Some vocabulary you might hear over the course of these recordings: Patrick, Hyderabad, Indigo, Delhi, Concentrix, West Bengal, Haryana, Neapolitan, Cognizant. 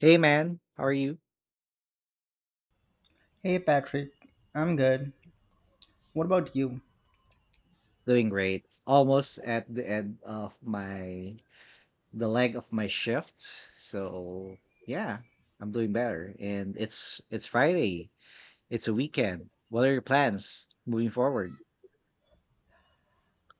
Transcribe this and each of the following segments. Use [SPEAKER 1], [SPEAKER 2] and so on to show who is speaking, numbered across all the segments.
[SPEAKER 1] Hey man, how are you?
[SPEAKER 2] Hey Patrick, I'm good. What about you?
[SPEAKER 1] Doing great. Almost at the end of my the leg of my shift. So yeah, I'm doing better. And it's Friday. It's a weekend. What are your plans moving forward?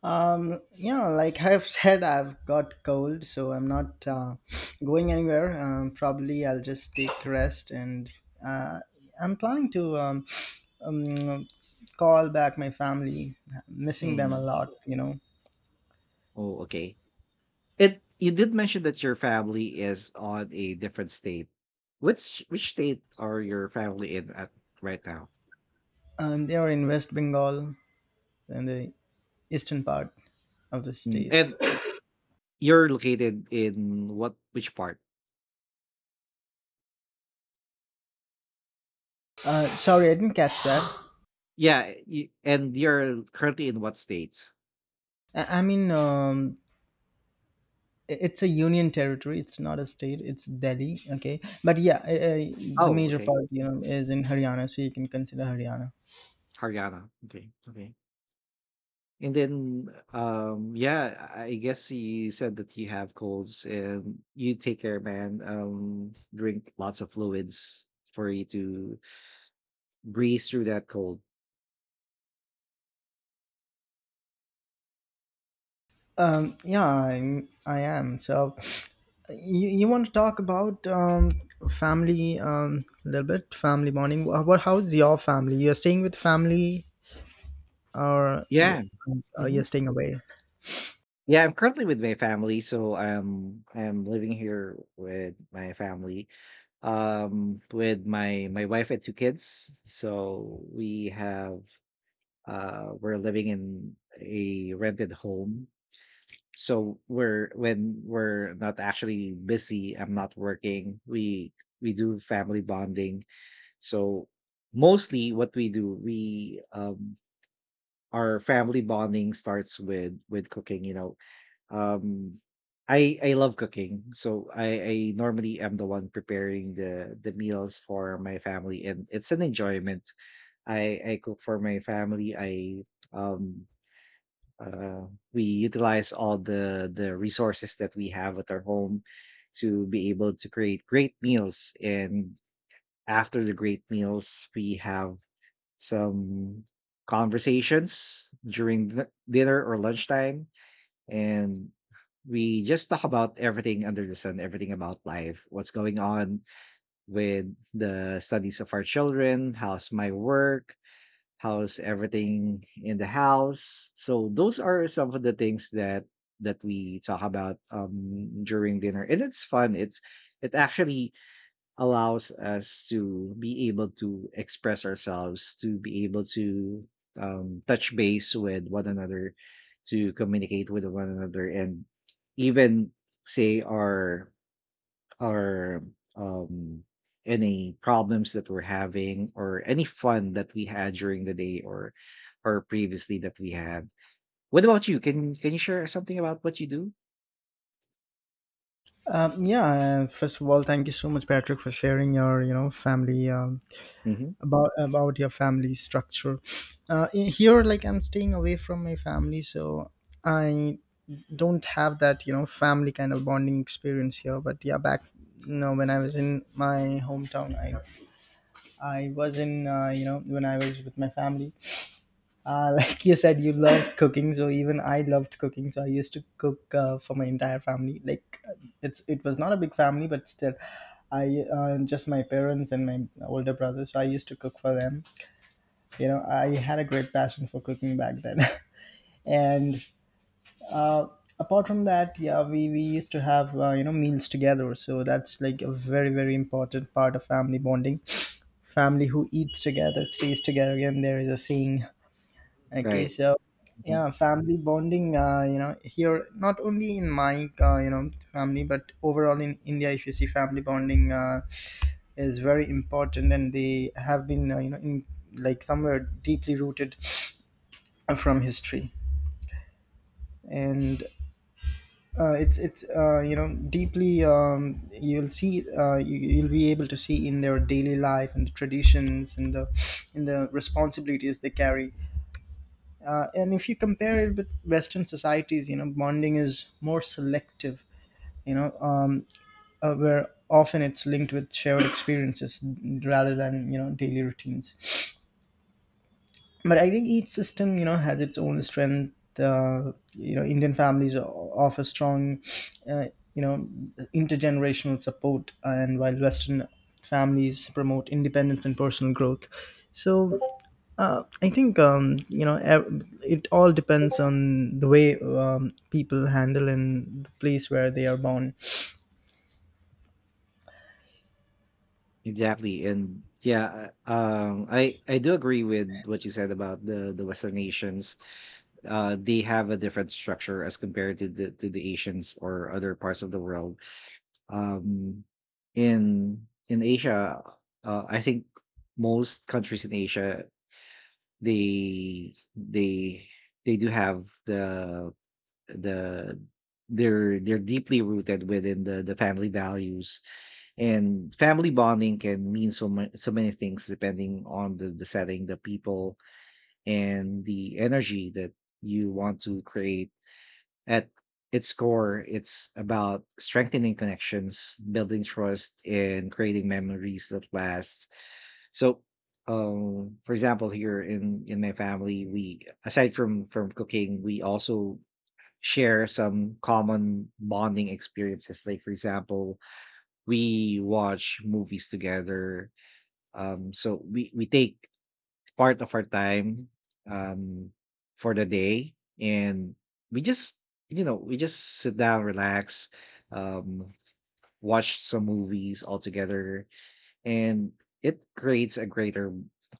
[SPEAKER 2] Yeah, like I've said, I've got cold, so I'm not going anywhere. Probably I'll just take rest, and uh, I'm planning to um, call back my family. Missing them a
[SPEAKER 1] Mm.
[SPEAKER 2] lot, you know.
[SPEAKER 1] Oh, okay. It you did mention that your family is on a different state. Which state are your family in at right now?
[SPEAKER 2] They are in West Bengal, in the eastern part of the
[SPEAKER 1] Mm.
[SPEAKER 2] state.
[SPEAKER 1] And you're located in what which part?
[SPEAKER 2] Sorry, I didn't catch that.
[SPEAKER 1] Yeah, you, and you're currently in what states?
[SPEAKER 2] I mean, it's a union territory, it's not a state, it's Delhi. Okay, but yeah, the
[SPEAKER 1] Oh,
[SPEAKER 2] major
[SPEAKER 1] okay.
[SPEAKER 2] part, you know, is in Haryana, so you can consider Haryana.
[SPEAKER 1] Haryana. Okay, okay. And then, yeah, I guess you said that you have colds and you take care, man. Drink lots of fluids for you to breeze through that cold.
[SPEAKER 2] Yeah, I am so you want to talk about family, a little bit family bonding. What how's your family? You're staying with family, or
[SPEAKER 1] Yeah. hmm
[SPEAKER 2] you're staying away?
[SPEAKER 1] Yeah, I'm currently with my family, so I'm living here with my family, with my wife and two kids. So we have we're living in a rented home, so we're when we're not actually busy, I'm not working, we do family bonding. So mostly what we do, we our family bonding starts with cooking, um I love cooking, so I normally am the one preparing the meals for my family, and it's an enjoyment. I cook for my family. I um uh, we utilize all the resources that we have at our home to be able to create great meals. And after the great meals, we have some conversations during the dinner or lunchtime. And we just talk about everything under the sun, everything about life, what's going on with the studies of our children, how's my work, how's everything in the house. So those are some of the things that we talk about during dinner, and it's fun. It's it actually allows us to be able to express ourselves, to be able to touch base with one another, to communicate with one another, and even say our or um, any problems that we're having or any fun that we had during the day, or previously that we had. What about you? Can you share something about what you do?
[SPEAKER 2] Yeah, first of all, thank you so much, Patrick, for sharing your, you know, family,
[SPEAKER 1] Hmm
[SPEAKER 2] about your family structure. In here, like, I'm staying away from my family, so I don't have that, you know, family kind of bonding experience here. But yeah, back, you know, when I was in my hometown, I was in, you know, when I was with my family, like you said, you love cooking, so even I loved cooking. So I used to cook, for my entire family. Like, it was not a big family, but still, I, just my parents and my older brother, so I used to cook for them. You know, I had a great passion for cooking back then. And uh, apart from that, yeah, we used to have, you know, meals together. So that's like a very, very important part of family bonding. Family who eats together stays together, again, there is a saying. Okay,
[SPEAKER 1] Right.
[SPEAKER 2] so
[SPEAKER 1] Mhm.
[SPEAKER 2] yeah, family bonding, you know, here, not only in my, you know, family, but overall in India, if you see, family bonding, is very important, and they have been, you know, in like somewhere deeply rooted from history. And it's you know, deeply, you'll see, you'll be able to see in their daily life and the traditions and the, in the responsibilities they carry. And if you compare it with western societies, you know, bonding is more selective. You know, where often it's linked with shared experiences rather than, you know, daily routines. But I think each system, you know, has its own strength. You know, Indian families offer strong, uh, you know, intergenerational support, and while western families promote independence and personal growth. So I think, you know, it all depends on the way, people handle in the place where they are born.
[SPEAKER 1] Exactly. And yeah, I do agree with what you said about the Western nations. They have a different structure as compared to the Asians or other parts of the world. um in Asia, I think most countries in Asia, they they they do have the they're deeply rooted within the family values. And family bonding can mean so much, so many things depending on the setting, the people, and the energy that you want to create. At its core, it's about strengthening connections, building trust, and creating memories that last. So, for example, here in my family, we, aside from cooking, we also share some common bonding experiences. Like, for example, we watch movies together. So we take part of our time um for the day, and we just we just sit down, relax, um watch some movies all together, and it creates a greater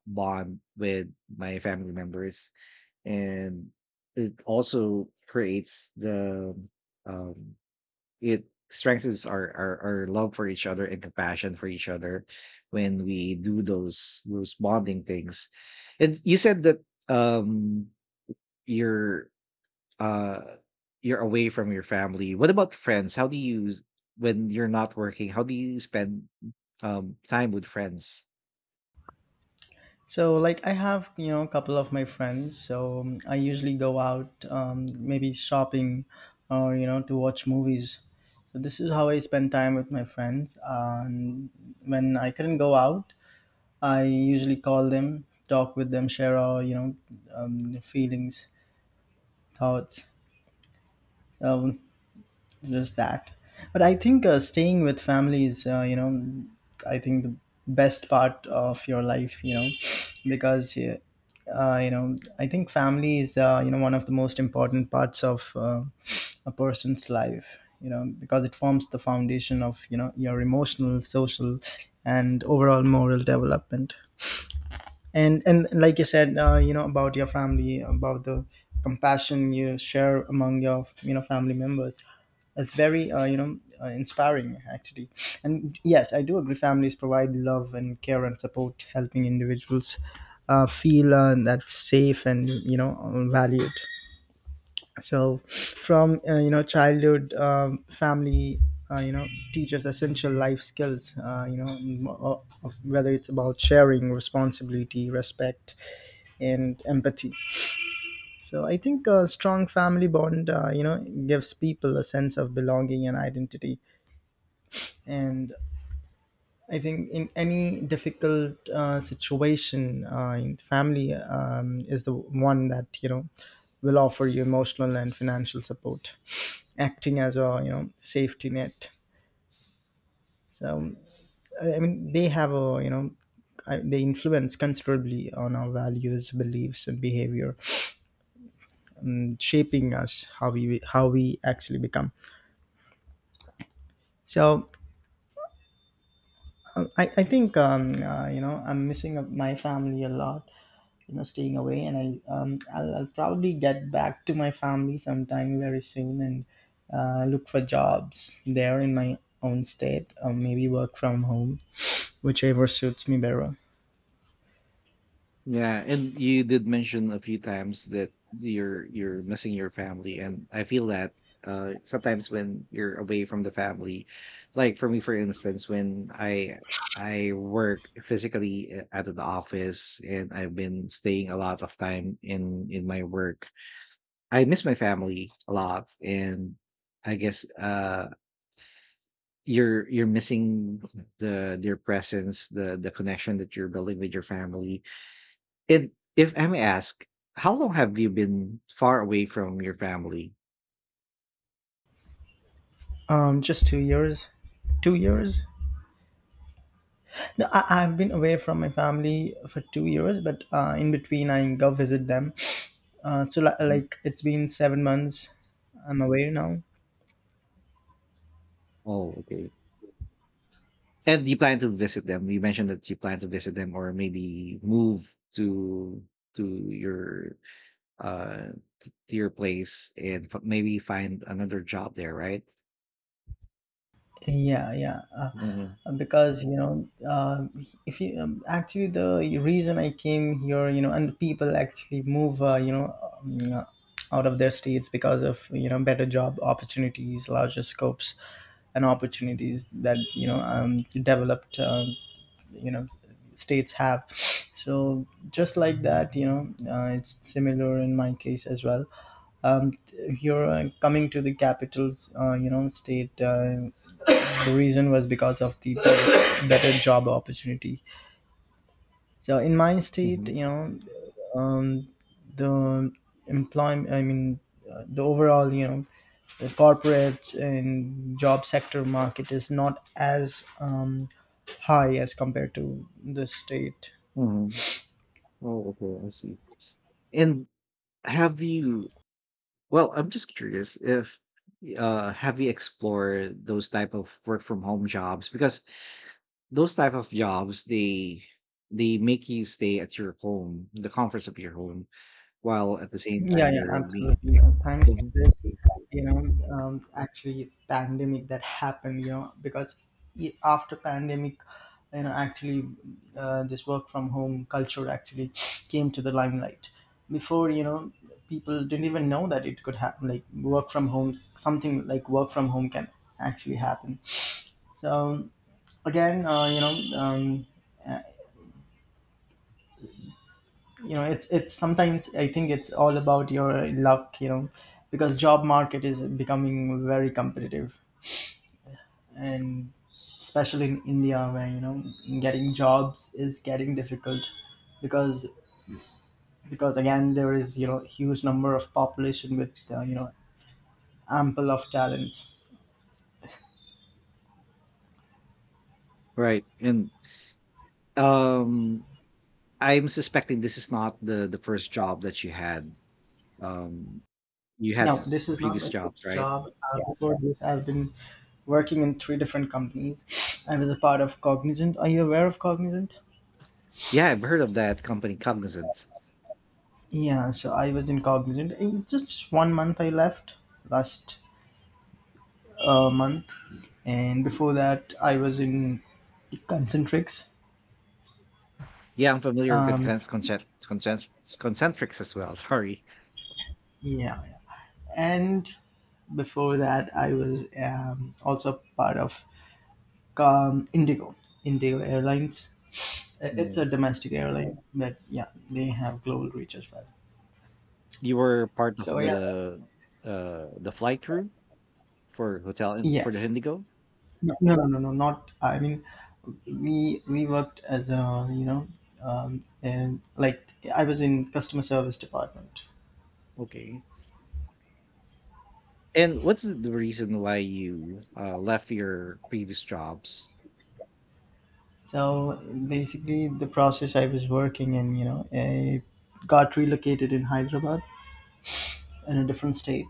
[SPEAKER 1] bond with my family members. And it also creates the um it strengthens our love for each other and compassion for each other when we do those bonding things. And you said that you're uh you're away from your family. What about friends? How do you when you're not working, how do you spend time with friends?
[SPEAKER 2] So, like, I have, you know, a couple of my friends. So, I usually go out, maybe shopping or, you know, to watch movies. So, this is how I spend time with my friends. And when I couldn't go out, I usually call them, talk with them, share our, you know, feelings, thoughts. Um, just that. But I think, staying with family is, you know, I think the best part of your life, you know. Because you know, I think family is, you know, one of the most important parts of, a person's life, you know, because it forms the foundation of, you know, your emotional, social, and overall moral development. And like you said, you know, about your family, about the compassion you share among your, you know, family members, it's very, you know, inspiring, actually. And yes, I do agree, families provide love and care and support, helping individuals, feel, that safe and, you know, valued. So from, you know, childhood, family, you know, teaches essential life skills, you know, whether it's about sharing responsibility, respect, and empathy. So I think a strong family bond, you know, gives people a sense of belonging and identity. And I think in any difficult, situation, in family, is the one that, you know, will offer you emotional and financial support, acting as a, you know, safety net. So I mean, they have a, you know, they influence considerably on our values, beliefs, and behavior, shaping us how we actually become. So I think, you know, I'm missing my family a lot, you know, staying away. And I, I'll probably get back to my family sometime very soon, and look for jobs there in my own state, or maybe work from home, whichever suits me better.
[SPEAKER 1] Yeah, and you did mention a few times that you're missing your family, and I feel that sometimes when you're away from the family, like for me, for instance, when I work physically a- at the office and I've been staying a lot of time in my work, I miss my family a lot. And I guess you're missing their presence, the connection that you're building with your family. And if I may ask, how long have you been far away from your family?
[SPEAKER 2] Just 2 years, two years no I've been away from my family for 2 years, but in between I go visit them.
[SPEAKER 1] Mhm.
[SPEAKER 2] Like, it's been 7 months I'm away now.
[SPEAKER 1] Oh, okay. And do you plan to visit them? You mentioned that you plan to visit them, or maybe move to to your uh to your place and f- maybe find another job there, right?
[SPEAKER 2] Yeah, yeah.
[SPEAKER 1] hmm
[SPEAKER 2] Because you know, if you, actually the reason I came here, you know, and people actually move, you know, um, uh, out of their states because of, you know, better job opportunities, larger scopes, and opportunities that, you know, developed, you know, states have. So just like that, you know, it's similar in my case as well. Um, you're, coming to the capitals, you know, state. The reason was because of the better job opportunity. So in my state, you
[SPEAKER 1] hmm
[SPEAKER 2] know, um, the employment, I mean, the overall, you know, the corporate and job sector market is not as, high as compared to the state.
[SPEAKER 1] hmm Oh, okay. I see. And have you, well, I'm just curious if have you explored those type of work from home jobs? Because those type of jobs, they make you stay at your home, the comforts of your home, while at the same
[SPEAKER 2] Yeah,
[SPEAKER 1] time
[SPEAKER 2] yeah,
[SPEAKER 1] you're being
[SPEAKER 2] absolutely.
[SPEAKER 1] yeah.
[SPEAKER 2] And thanks to
[SPEAKER 1] Mhm.
[SPEAKER 2] this, you know, actually pandemic that happened, you know, because after pandemic, you know, actually, this work from home culture actually came to the limelight. Before, you know, people didn't even know that it could happen. Like work from home, something like work from home can actually happen. So again, you know, you know, it's sometimes, I think it's all about your luck, you know, because job market is becoming very competitive. And especially in India, where, you know, getting jobs is getting difficult, because again, there is, you know, huge number of population with, you know, ample of talents.
[SPEAKER 1] Right. And um I'm suspecting this is not the first job that you had. um you had
[SPEAKER 2] Now, this is not
[SPEAKER 1] Previous
[SPEAKER 2] my
[SPEAKER 1] jobs,
[SPEAKER 2] first
[SPEAKER 1] right?
[SPEAKER 2] job. Before this, I've been working in three different companies. I was a part of Cognizant. Are you aware of Cognizant?
[SPEAKER 1] Yeah, I've heard of that company, Cognizant.
[SPEAKER 2] Yeah, so I was in Cognizant. In just one month I left last, month, and before that I was in Concentrix.
[SPEAKER 1] Yeah, I'm familiar with
[SPEAKER 2] Um,
[SPEAKER 1] concentrics as well, sorry.
[SPEAKER 2] yeah, yeah. And before that I was, also part of, Indigo, Indigo Airlines. It's
[SPEAKER 1] Mm.
[SPEAKER 2] a domestic airline, but yeah, they have global reach as well.
[SPEAKER 1] You were part of
[SPEAKER 2] So yeah,
[SPEAKER 1] the flight crew for hotel for the
[SPEAKER 2] yes,
[SPEAKER 1] Indigo?
[SPEAKER 2] no, not. I mean, we worked as a, you know, and like, I was in customer service department.
[SPEAKER 1] Okay. And what's the reason why you left your previous jobs?
[SPEAKER 2] So basically, the process I was working in, you know, I got relocated in Hyderabad, in a different state.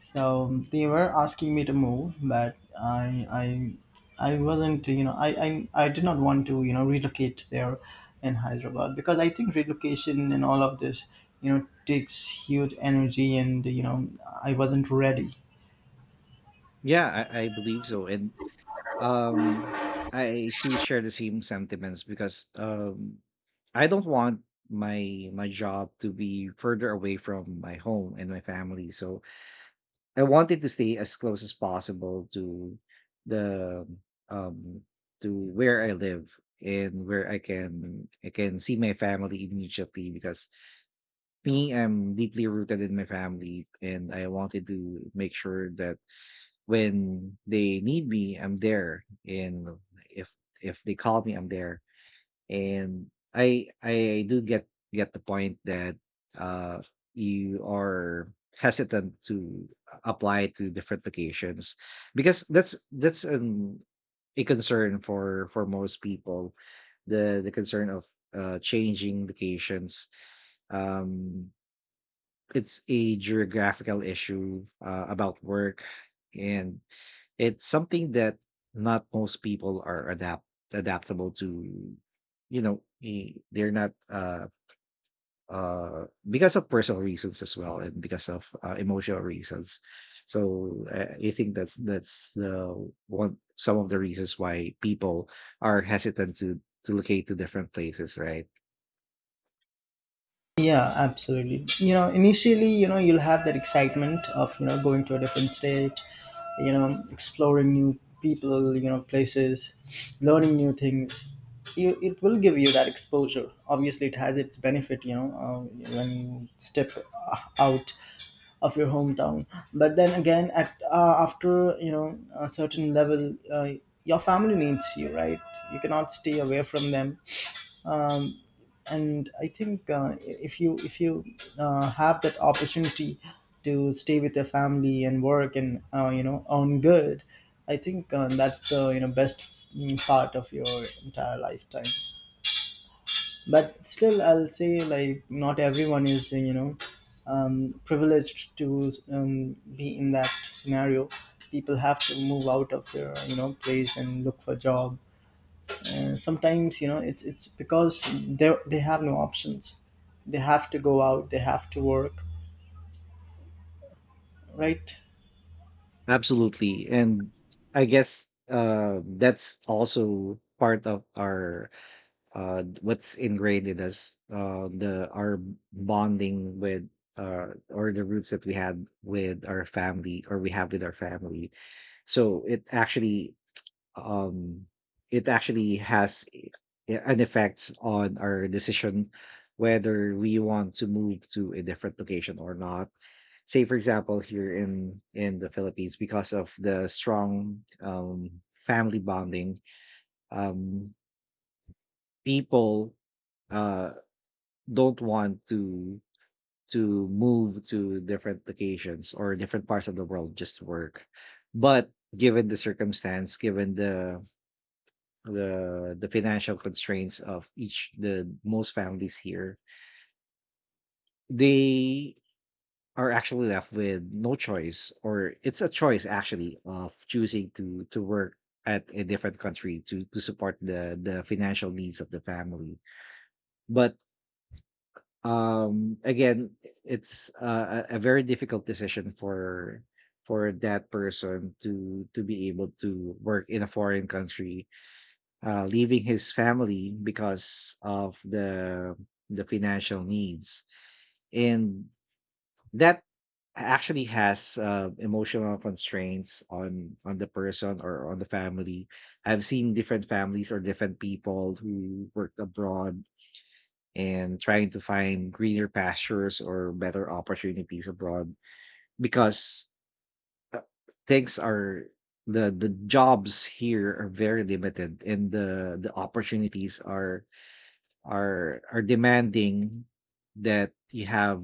[SPEAKER 2] So they were asking me to move, but I wasn't, you know, I did not want to, you know, relocate there in Hyderabad, because I think relocation and all of this, you know, takes huge energy, and you know, I wasn't ready.
[SPEAKER 1] Yeah, I believe so. And um, I too share the same sentiments because I don't want my job to be further away from my home and my family. So I wanted to stay as close as possible to the um to where I live and where I can see my family immediately. Because me, I'm deeply rooted in my family, and I wanted to make sure that when they need me, I'm there. And if if they call me, I'm there. And I do get the point that uh you are hesitant to apply to different locations, because that's an a concern for most people, the concern of changing locations. um it's a geographical issue about work, and it's something that not most people are adaptable to, you know. They're not uh because of personal reasons as well, and because of emotional reasons. So I think that's the one some of the reasons why people are hesitant to locate to different places, right?
[SPEAKER 2] Yeah, absolutely. You know, initially, you know, you'll have that excitement of, you know, going to a different state, you know, exploring new people, you know, places, learning new things. You, it will give you that exposure. Obviously, it has its benefit, you know, when you step out of your hometown. But then again, at after, you know, a certain level, your family needs you, right? You cannot stay away from them. And I think, if you, have that opportunity to stay with your family and work and, you know, earn good, I think, that's the, you know, best, part of your entire lifetime. But still, I'll say, like, not everyone is, you know, privileged to, be in that scenario. People have to move out of their, you know, place and look for job. Sometimes, you know, it's because they have no options. They have to go out. They have to work, right?
[SPEAKER 1] Absolutely. And I guess that's also part of our what's ingrained in us, the our bonding with or the roots that we had with our family, or we have with our family. So um it actually has I- an effect on our decision whether we want to move to a different location or not. Say for example, here in the Philippines, because of the strong family bonding, um people uh don't want to move to different locations or different parts of the world just to work. But given the circumstance, given the the financial constraints of each the most families here, they are actually left with no choice, or it's a choice actually of choosing to work at a different country to support the financial needs of the family. But again, it's a very difficult decision for that person to be able to work in a foreign country, leaving his family because of the financial needs. And that actually has emotional constraints on the person or on the family. I've seen different families or different people who worked abroad and trying to find greener pastures or better opportunities abroad, because uh, things are the jobs here are very limited, and the opportunities are are demanding that you have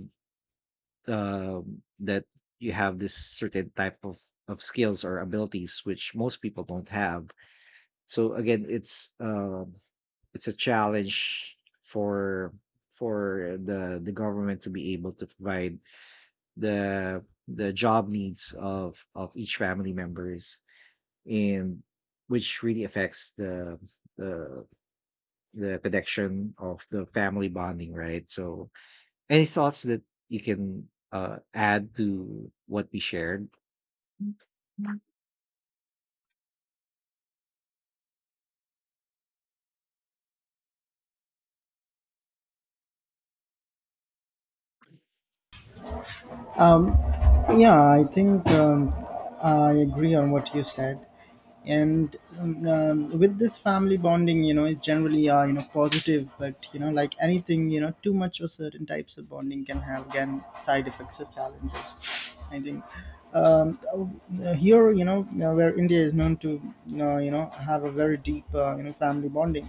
[SPEAKER 1] that you have this certain type of skills or abilities which most people don't have. So again, it's a challenge for the government to be able to provide the job needs of each family members, and which really affects the the connection of the family bonding, right? So any thoughts that you can add to what we shared?
[SPEAKER 2] Um, yeah, I think, I agree on what you said. And With this family bonding, you know, is generally you know, positive, but you know, like anything, you know, too much or certain types of bonding can have, again, side effects or challenges I think um, Here, you know, where India is known to you know, have a very deep you know, family bonding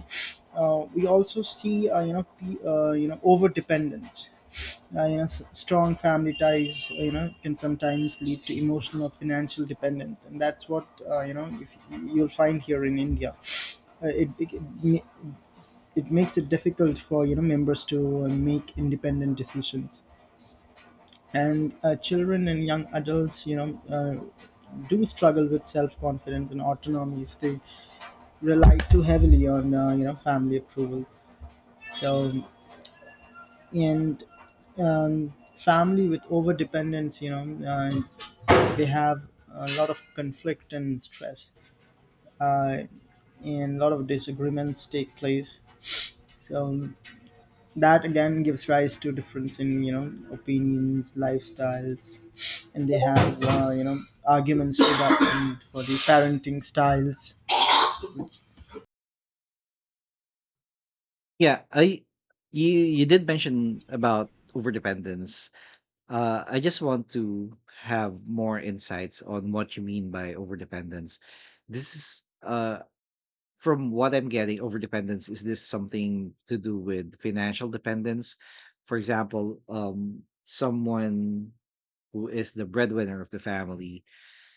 [SPEAKER 2] uh, we also see you know, you know, over dependence. You know, strong family ties, you know, can sometimes lead to emotional or financial dependence, and that's what you know, if you'll find here in India. uh, it, it it ma- it makes it difficult for, you know, members to make independent decisions. And children and young adults uh, do struggle with self-confidence and autonomy if they rely too heavily on you know, family approval. So and family with over dependence, you know uh, they have a lot of conflict and stress uh, and a lot of disagreements take place. So that, again, gives rise to difference in, you know, opinions, lifestyles, and they have you know, arguments to that end for the parenting styles.
[SPEAKER 1] Yeah, I you you did mention about overdependence. I just want to have more insights on what you mean by overdependence. This is from what I'm getting, overdependence is this something to do with financial dependence? For example, someone who is the breadwinner of the family,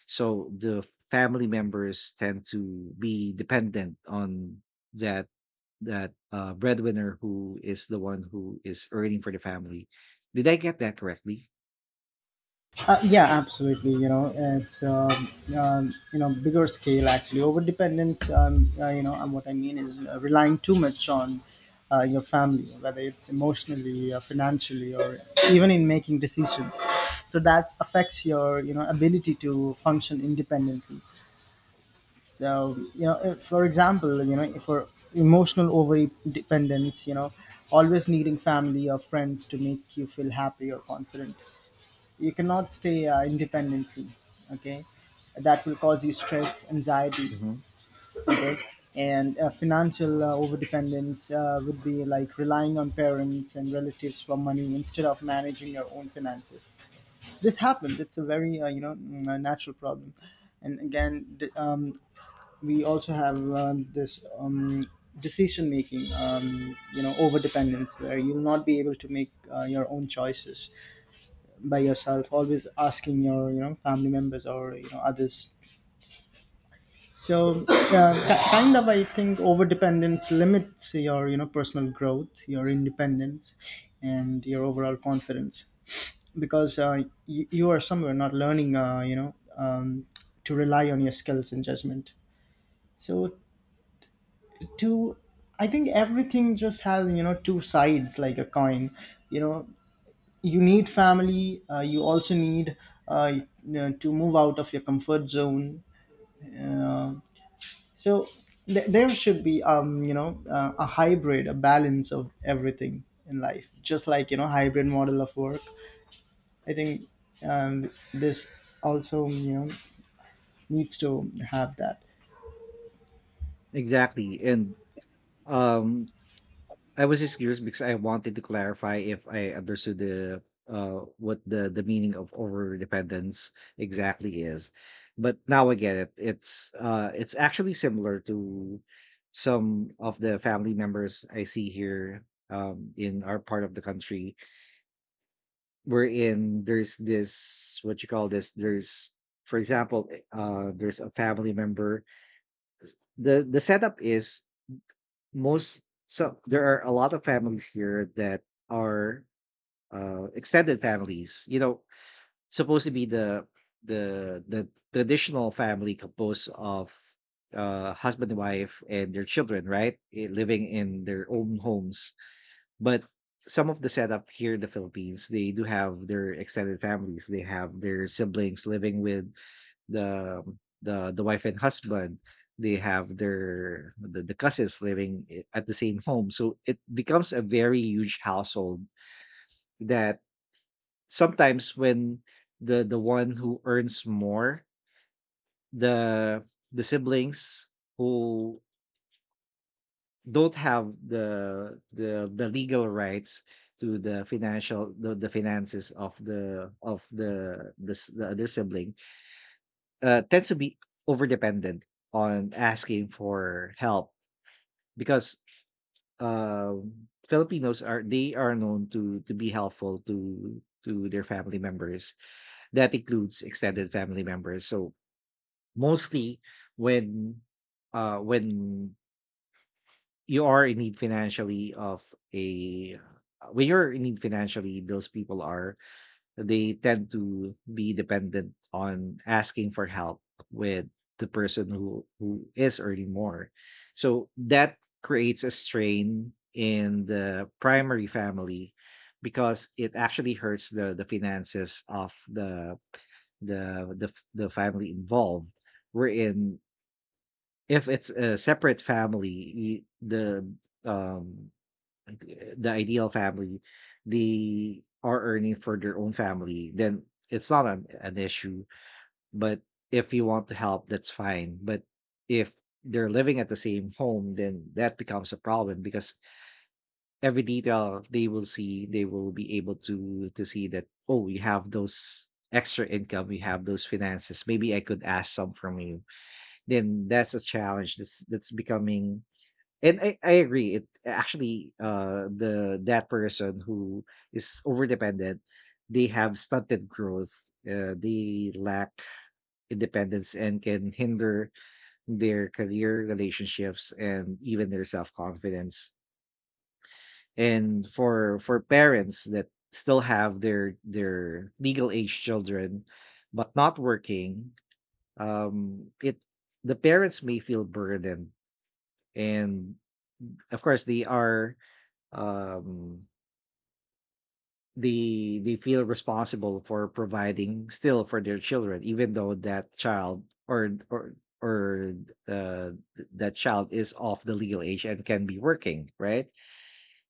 [SPEAKER 1] so the family members tend to be dependent on that that breadwinner who is the one who is earning for the family. Did I get that correctly?
[SPEAKER 2] Yeah, absolutely. You know, it's you know, bigger scale, actually. Overdependence. You know, and what I mean is relying too much on your family, whether it's emotionally, financially, or even in making decisions. So that affects your, you know, ability to function independently. So you know, if, for example, you know, if for emotional over dependence, you know, always needing family or friends to make you feel happy or confident, you cannot stay independently. Okay, that will cause you stress, anxiety.
[SPEAKER 1] Hmm
[SPEAKER 2] Okay. And financial overdependence would be like relying on parents and relatives for money instead of managing your own finances. This happens. It's a very you know, a natural problem. And again, we also have this, decision making, you know, overdependence, where you'll not be able to make your own choices by yourself, always asking your, you know, family members or, you know, others. So yeah, kind of, I think over dependence limits your, you know, personal growth, your independence, and your overall confidence, because you are somewhere not learning, you know, to rely on your skills and judgment. So, to, I think everything just has, you know, two sides like a coin. You know, you need family. You also need you know, to move out of your comfort zone uh, so there should be, you know, a hybrid, a balance of everything in life, just like, you know, hybrid model of work. I think this also, you know, needs to have that.
[SPEAKER 1] Exactly. And um, I was just curious because I wanted to clarify if I understood the what the meaning of over dependence exactly is. But now I get it. It's actually similar to some of the family members I see here in our part of the country, wherein there's this what you call this, there's for example there's a family member, the setup is most so there are a lot of families here that are extended families. Supposed to be the the traditional family composed of husband and wife and their children, right, living in their own homes. But some of the setup here in the Philippines, they do have their extended families. They have their siblings living with the the wife and husband. They have the cousins living at the same home. So it becomes a very huge household that sometimes when the one who earns more the siblings who don't have the legal rights to the financial the finances of the other sibling tends to be over dependent on asking for help because um filipinos are known to be helpful to their family members. That includes extended family members. So mostly when uh when you are in need financially of a when you're in need financially, those people are they tend to be dependent on asking for help with the person who is earning more. So that creates a strain in the primary family because it actually hurts the finances of the the, the family involved, wherein if it's a separate family, the um like, the ideal family, they are earning for their own family, then it's not an, an issue. But if you want to help, that's fine. But if they're living at the same home, then that becomes a problem because every detail they will see, they will be able to see that, oh, we have those extra income, we have those finances. Maybe I could ask some from you. Then that's a challenge that's becoming. And I agree. It actually the that person who is over dependent, they have stunted growth. They lack independence and can hinder their career, relationships, and even their self-confidence. And for parents that still have their legal age children but not working, it the parents may feel burdened. And of course they are, um they feel responsible for providing still for their children, even though that child or uh, that child is of the legal age and can be working, right,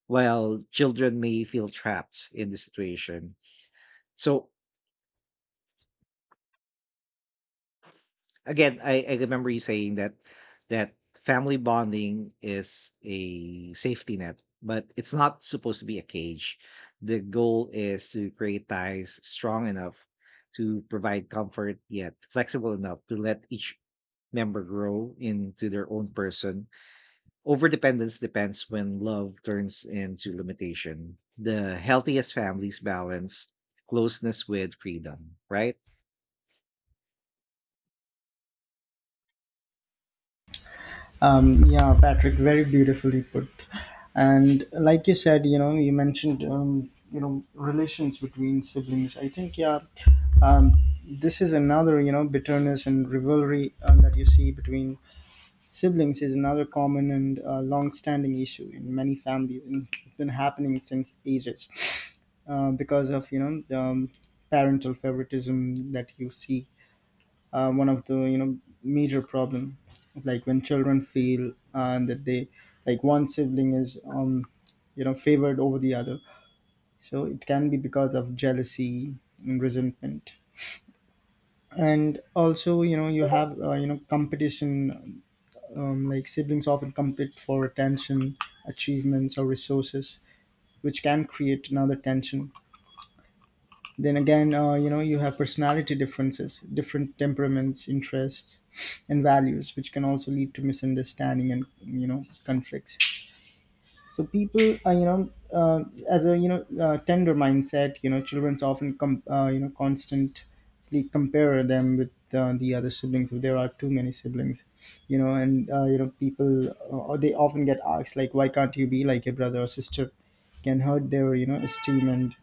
[SPEAKER 1] while children may feel trapped in the situation. So again, I remember you saying that that family bonding is a safety net, but it's not supposed to be a cage. The goal is to create ties strong enough to provide comfort, yet flexible enough to let each member grow into their own person. Overdependence depends when love turns into limitation. The healthiest families balance closeness with freedom, right?
[SPEAKER 2] Yeah, Patrick, very beautifully put. And like you said, you know, you mentioned, you know, relations between siblings. I think, yeah, um, this is another, you know, bitterness and rivalry that you see between siblings is another common and long-standing issue in many families. And it's been happening since ages because of, you know, the, parental favoritism that you see, one of the, you know, major problem. Like when children feel and that they, like one sibling is, you know, favored over the other, so it can be because of jealousy and resentment. And also, you know, you have you know, competition. Like siblings often compete for attention, achievements, or resources, which can create another tension. Then again, you know, you have personality differences, different temperaments, interests, and values, which can also lead to misunderstanding and, you know, conflicts. So people, you know, as a, you know, tender mindset, you know, children often you know, constantly compare them with the other siblings, if there are too many siblings, you know, and you know, people, they often get asked like, why can't you be like a brother or sister? Can hurt their, you know, esteem and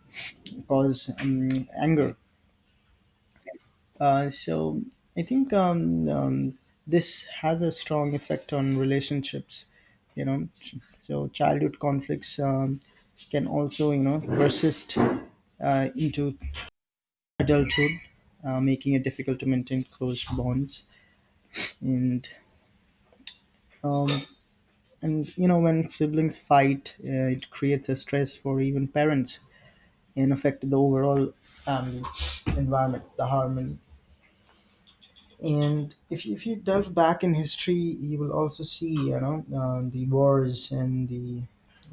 [SPEAKER 2] cause, anger.
[SPEAKER 1] Right.
[SPEAKER 2] So I think this has a strong effect on relationships. You know, so childhood conflicts can also, you know, persist into adulthood, making it difficult to maintain close bonds. And, um, and you know, when siblings fight, it creates a stress for even parents and affect the overall, um, environment, the harmony. And if you delve back in history, you will also see, you know, the wars and the, you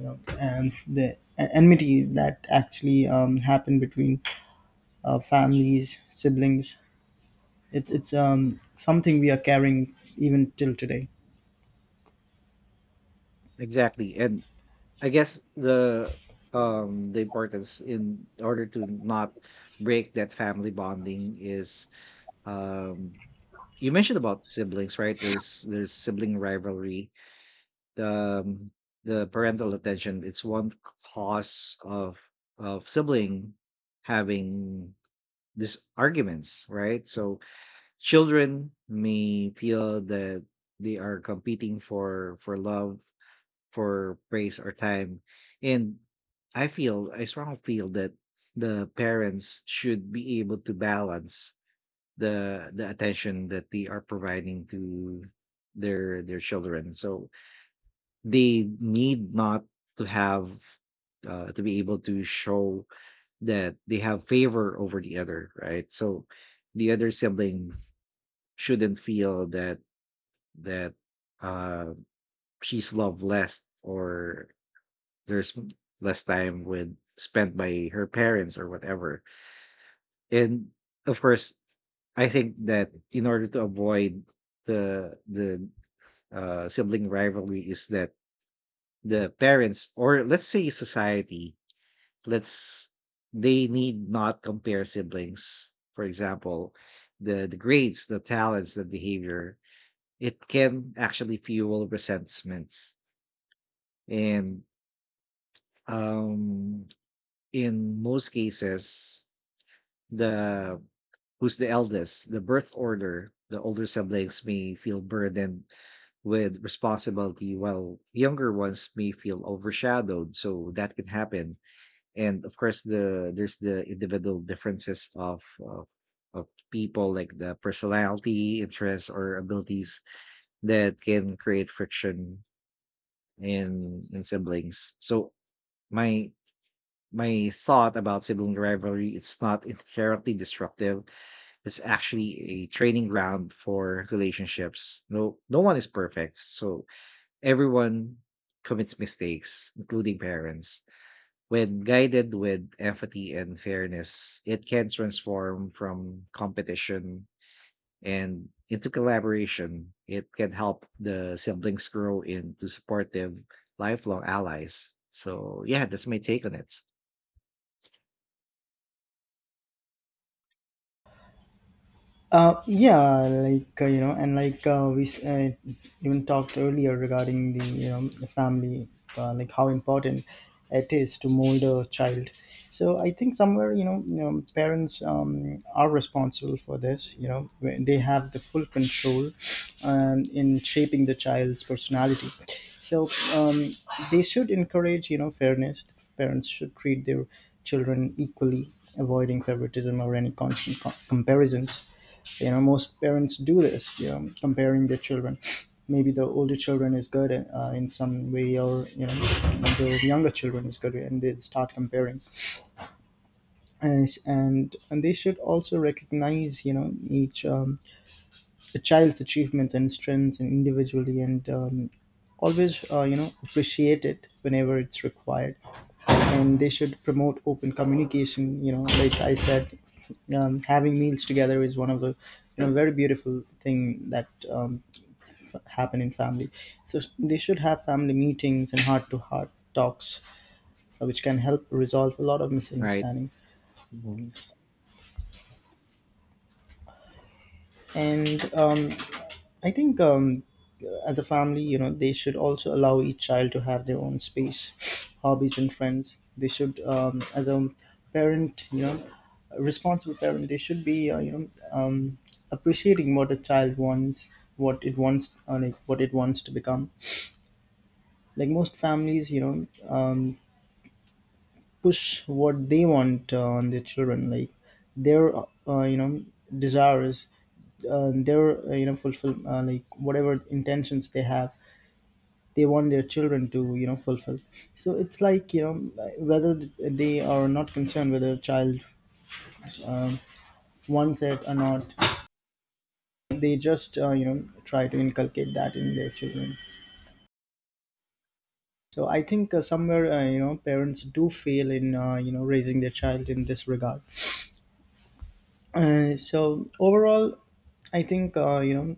[SPEAKER 2] know, and the, e, enmity that actually, happened between families, siblings. It's something we are carrying even till today.
[SPEAKER 1] Exactly. And I guess the importance in order to not break that family bonding is, um you mentioned about siblings, right? There's sibling rivalry. The um, the parental attention, it's one cause of sibling having these arguments, right? So children may feel that they are competing for love, for praise, or time. And I feel, I strongly feel that the parents should be able to balance the attention that they are providing to their children. So they need not to have to be able to show that they have favor over the other, right? So the other sibling shouldn't feel that that uh, she's loved less or there's less time with spent by her parents or whatever. And of course, I think that in order to avoid the sibling rivalry is that the parents, or let's say society, let's they need not compare siblings. For example, the grades, the talents, the behavior, it can actually fuel resentments. And um in most cases, the who's the eldest, the birth order, the older siblings may feel burdened with responsibility, while younger ones may feel overshadowed, so that can happen. And of course there's the individual differences of of people, like the personality, interests, or abilities, that can create friction in siblings. So my my thought about sibling rivalry, it's not inherently destructive, it's actually a training ground for relationships. No, no one is perfect, so everyone commits mistakes, including parents. When guided with empathy and fairness, it can transform from competition and into collaboration. It can help the siblings grow into supportive, lifelong allies. So, yeah, that's my take on it.
[SPEAKER 2] Yeah, like you know, and like even talked earlier regarding the, you know, the family, like how important it is to mold a child. So I think somewhere, you know, you know, parents are responsible for this. You know, when they have the full control in shaping the child's personality. So they should encourage, you know, fairness. Parents should treat their children equally, avoiding favoritism or any constant comparisons. You know, most parents do this, you know, comparing their children. Maybe the older children is good in some way, or you know, the younger children is good, and they start comparing, and they should also recognize, you know, each the child's achievements and strengths and individually, and always you know, appreciate it whenever it's required. And they should promote open communication, you know, like I said, having meals together is one of the, you know, very beautiful thing that, happen in family. So they should have family meetings and heart to heart talks, which can help resolve a lot of
[SPEAKER 1] Right.
[SPEAKER 2] misunderstanding.
[SPEAKER 1] Mhm.
[SPEAKER 2] And, I think as a family, you know, they should also allow each child to have their own space, hobbies, and friends. They should, as a parent, you know, a responsible parent, they should be, you know, appreciating what a child wants, what it wants, like what it wants to become. Like most families, you know, push what they want on their children. Like their, you know, desires, their you know, fulfill, like whatever intentions they have, they want their children to, you know, fulfill. So it's like, you know, whether they are not concerned whether a child um, wants it or not, they just you know, try to inculcate that in their children. So I think somewhere, you know, parents do fail in, you know, raising their child in this regard. So overall, I think, you know,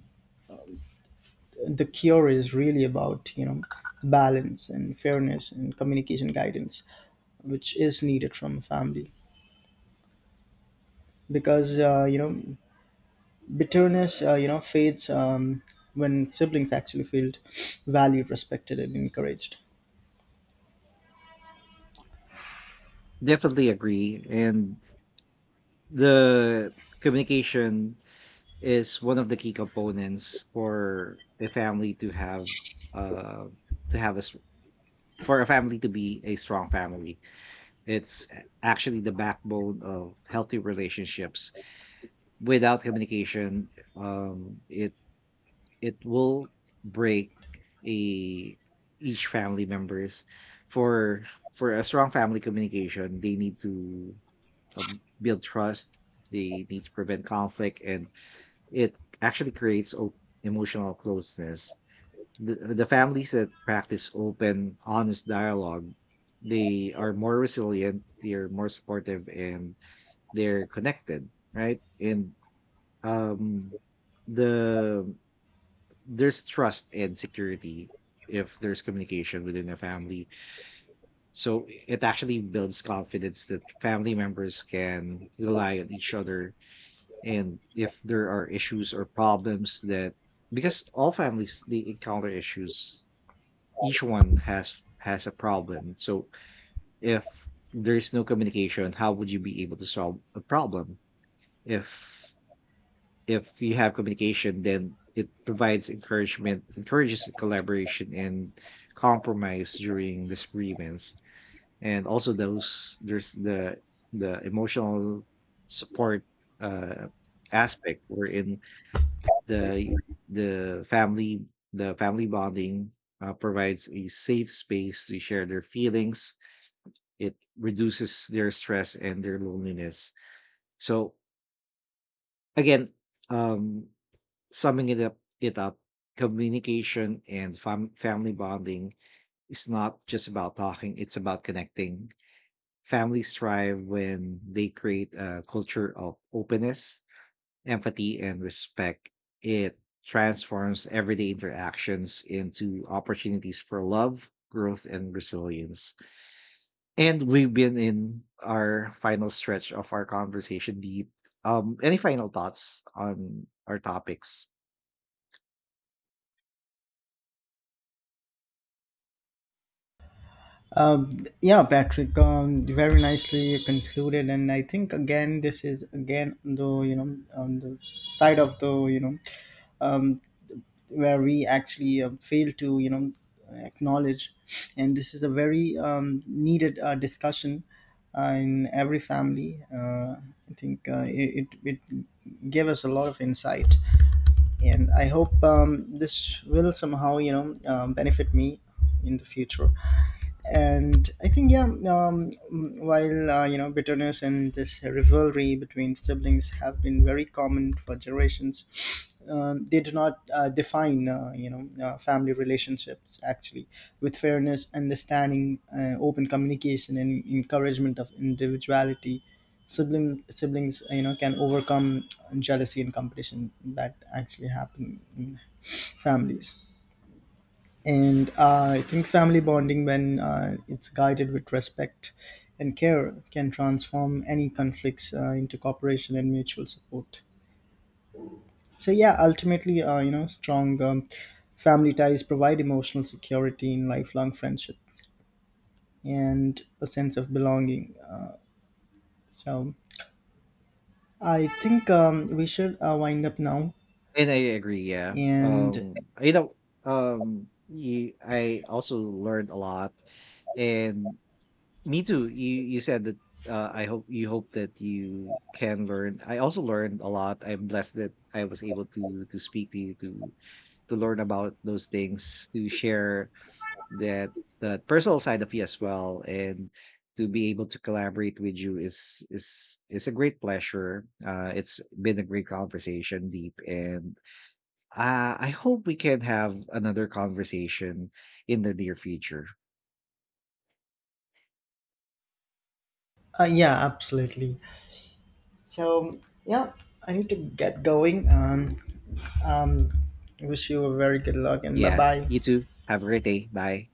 [SPEAKER 2] the cure is really about, you know, balance and fairness and communication, guidance, which is needed from a family, because you know, bitterness, you know, fades, when siblings actually feel valued, respected, and encouraged.
[SPEAKER 1] Definitely agree. And the communication is one of the key components for a family to have uh to have a s- for a family to be a strong family. It's actually the backbone of healthy relationships. Without communication, um it it will break a each family members. For a strong family communication, they need to, build trust. They need to prevent conflict, and it actually creates emotional closeness. The families that practice open, honest dialogue, they are more resilient, they are more supportive, and they're connected, right? And um, the there's trust and security if there's communication within a family. So it actually builds confidence that family members can rely on each other. And if there are issues or problems, that, because all families, they encounter issues, each one has a problem. So if there is no communication, how would you be able to solve a problem? if if you have communication, then it provides encouragement, encourages collaboration and compromise during disagreements. And also those there's the emotional support uh aspect, wherein The the family, the family bonding, provides a safe space to share their feelings. It reduces their stress and their loneliness. So again, um, summing it up, communication and family bonding is not just about talking; it's about connecting. Families thrive when they create a culture of openness, empathy, and respect. It transforms everyday interactions into opportunities for love, growth, and resilience. And we've been in our final stretch of our conversation, deep. Any final thoughts on our topics?
[SPEAKER 2] Yeah, Patrick, very nicely concluded. And I think, again, this is, again, the, you know, on the side of the, you know, where we actually fail to, you know, acknowledge. And this is a very needed discussion in every family. I think it gave us a lot of insight, and I hope this will somehow, you know, benefit me in the future. And I think, yeah, while you know, bitterness and this rivalry between siblings have been very common for generations, they do not define you know, family relationships. Actually, with fairness, understanding, open communication, and encouragement of individuality, siblings, you know, can overcome jealousy and competition that actually happen in families. And I think family bonding, when it's guided with respect and care, can transform any conflicts into cooperation and mutual support. So yeah, ultimately, you know, strong, family ties provide emotional security in lifelong friendship and a sense of belonging. So I think we should wind up now.
[SPEAKER 1] And I agree, yeah.
[SPEAKER 2] And
[SPEAKER 1] You know, I also learned a lot, and me too. You said that I hope you hope that you can learn. I also learned a lot. I'm blessed that I was able to speak to you, to learn about those things, to share that that personal side of you as well, and to be able to collaborate with you is a great pleasure. It's been a great conversation, deep, and I hope we can have another conversation in the near future.
[SPEAKER 2] yeah, absolutely. So yeah, I need to get going. Um wish you a very good luck, and bye
[SPEAKER 1] Yeah,
[SPEAKER 2] bye.
[SPEAKER 1] you too. Have a great day. Bye.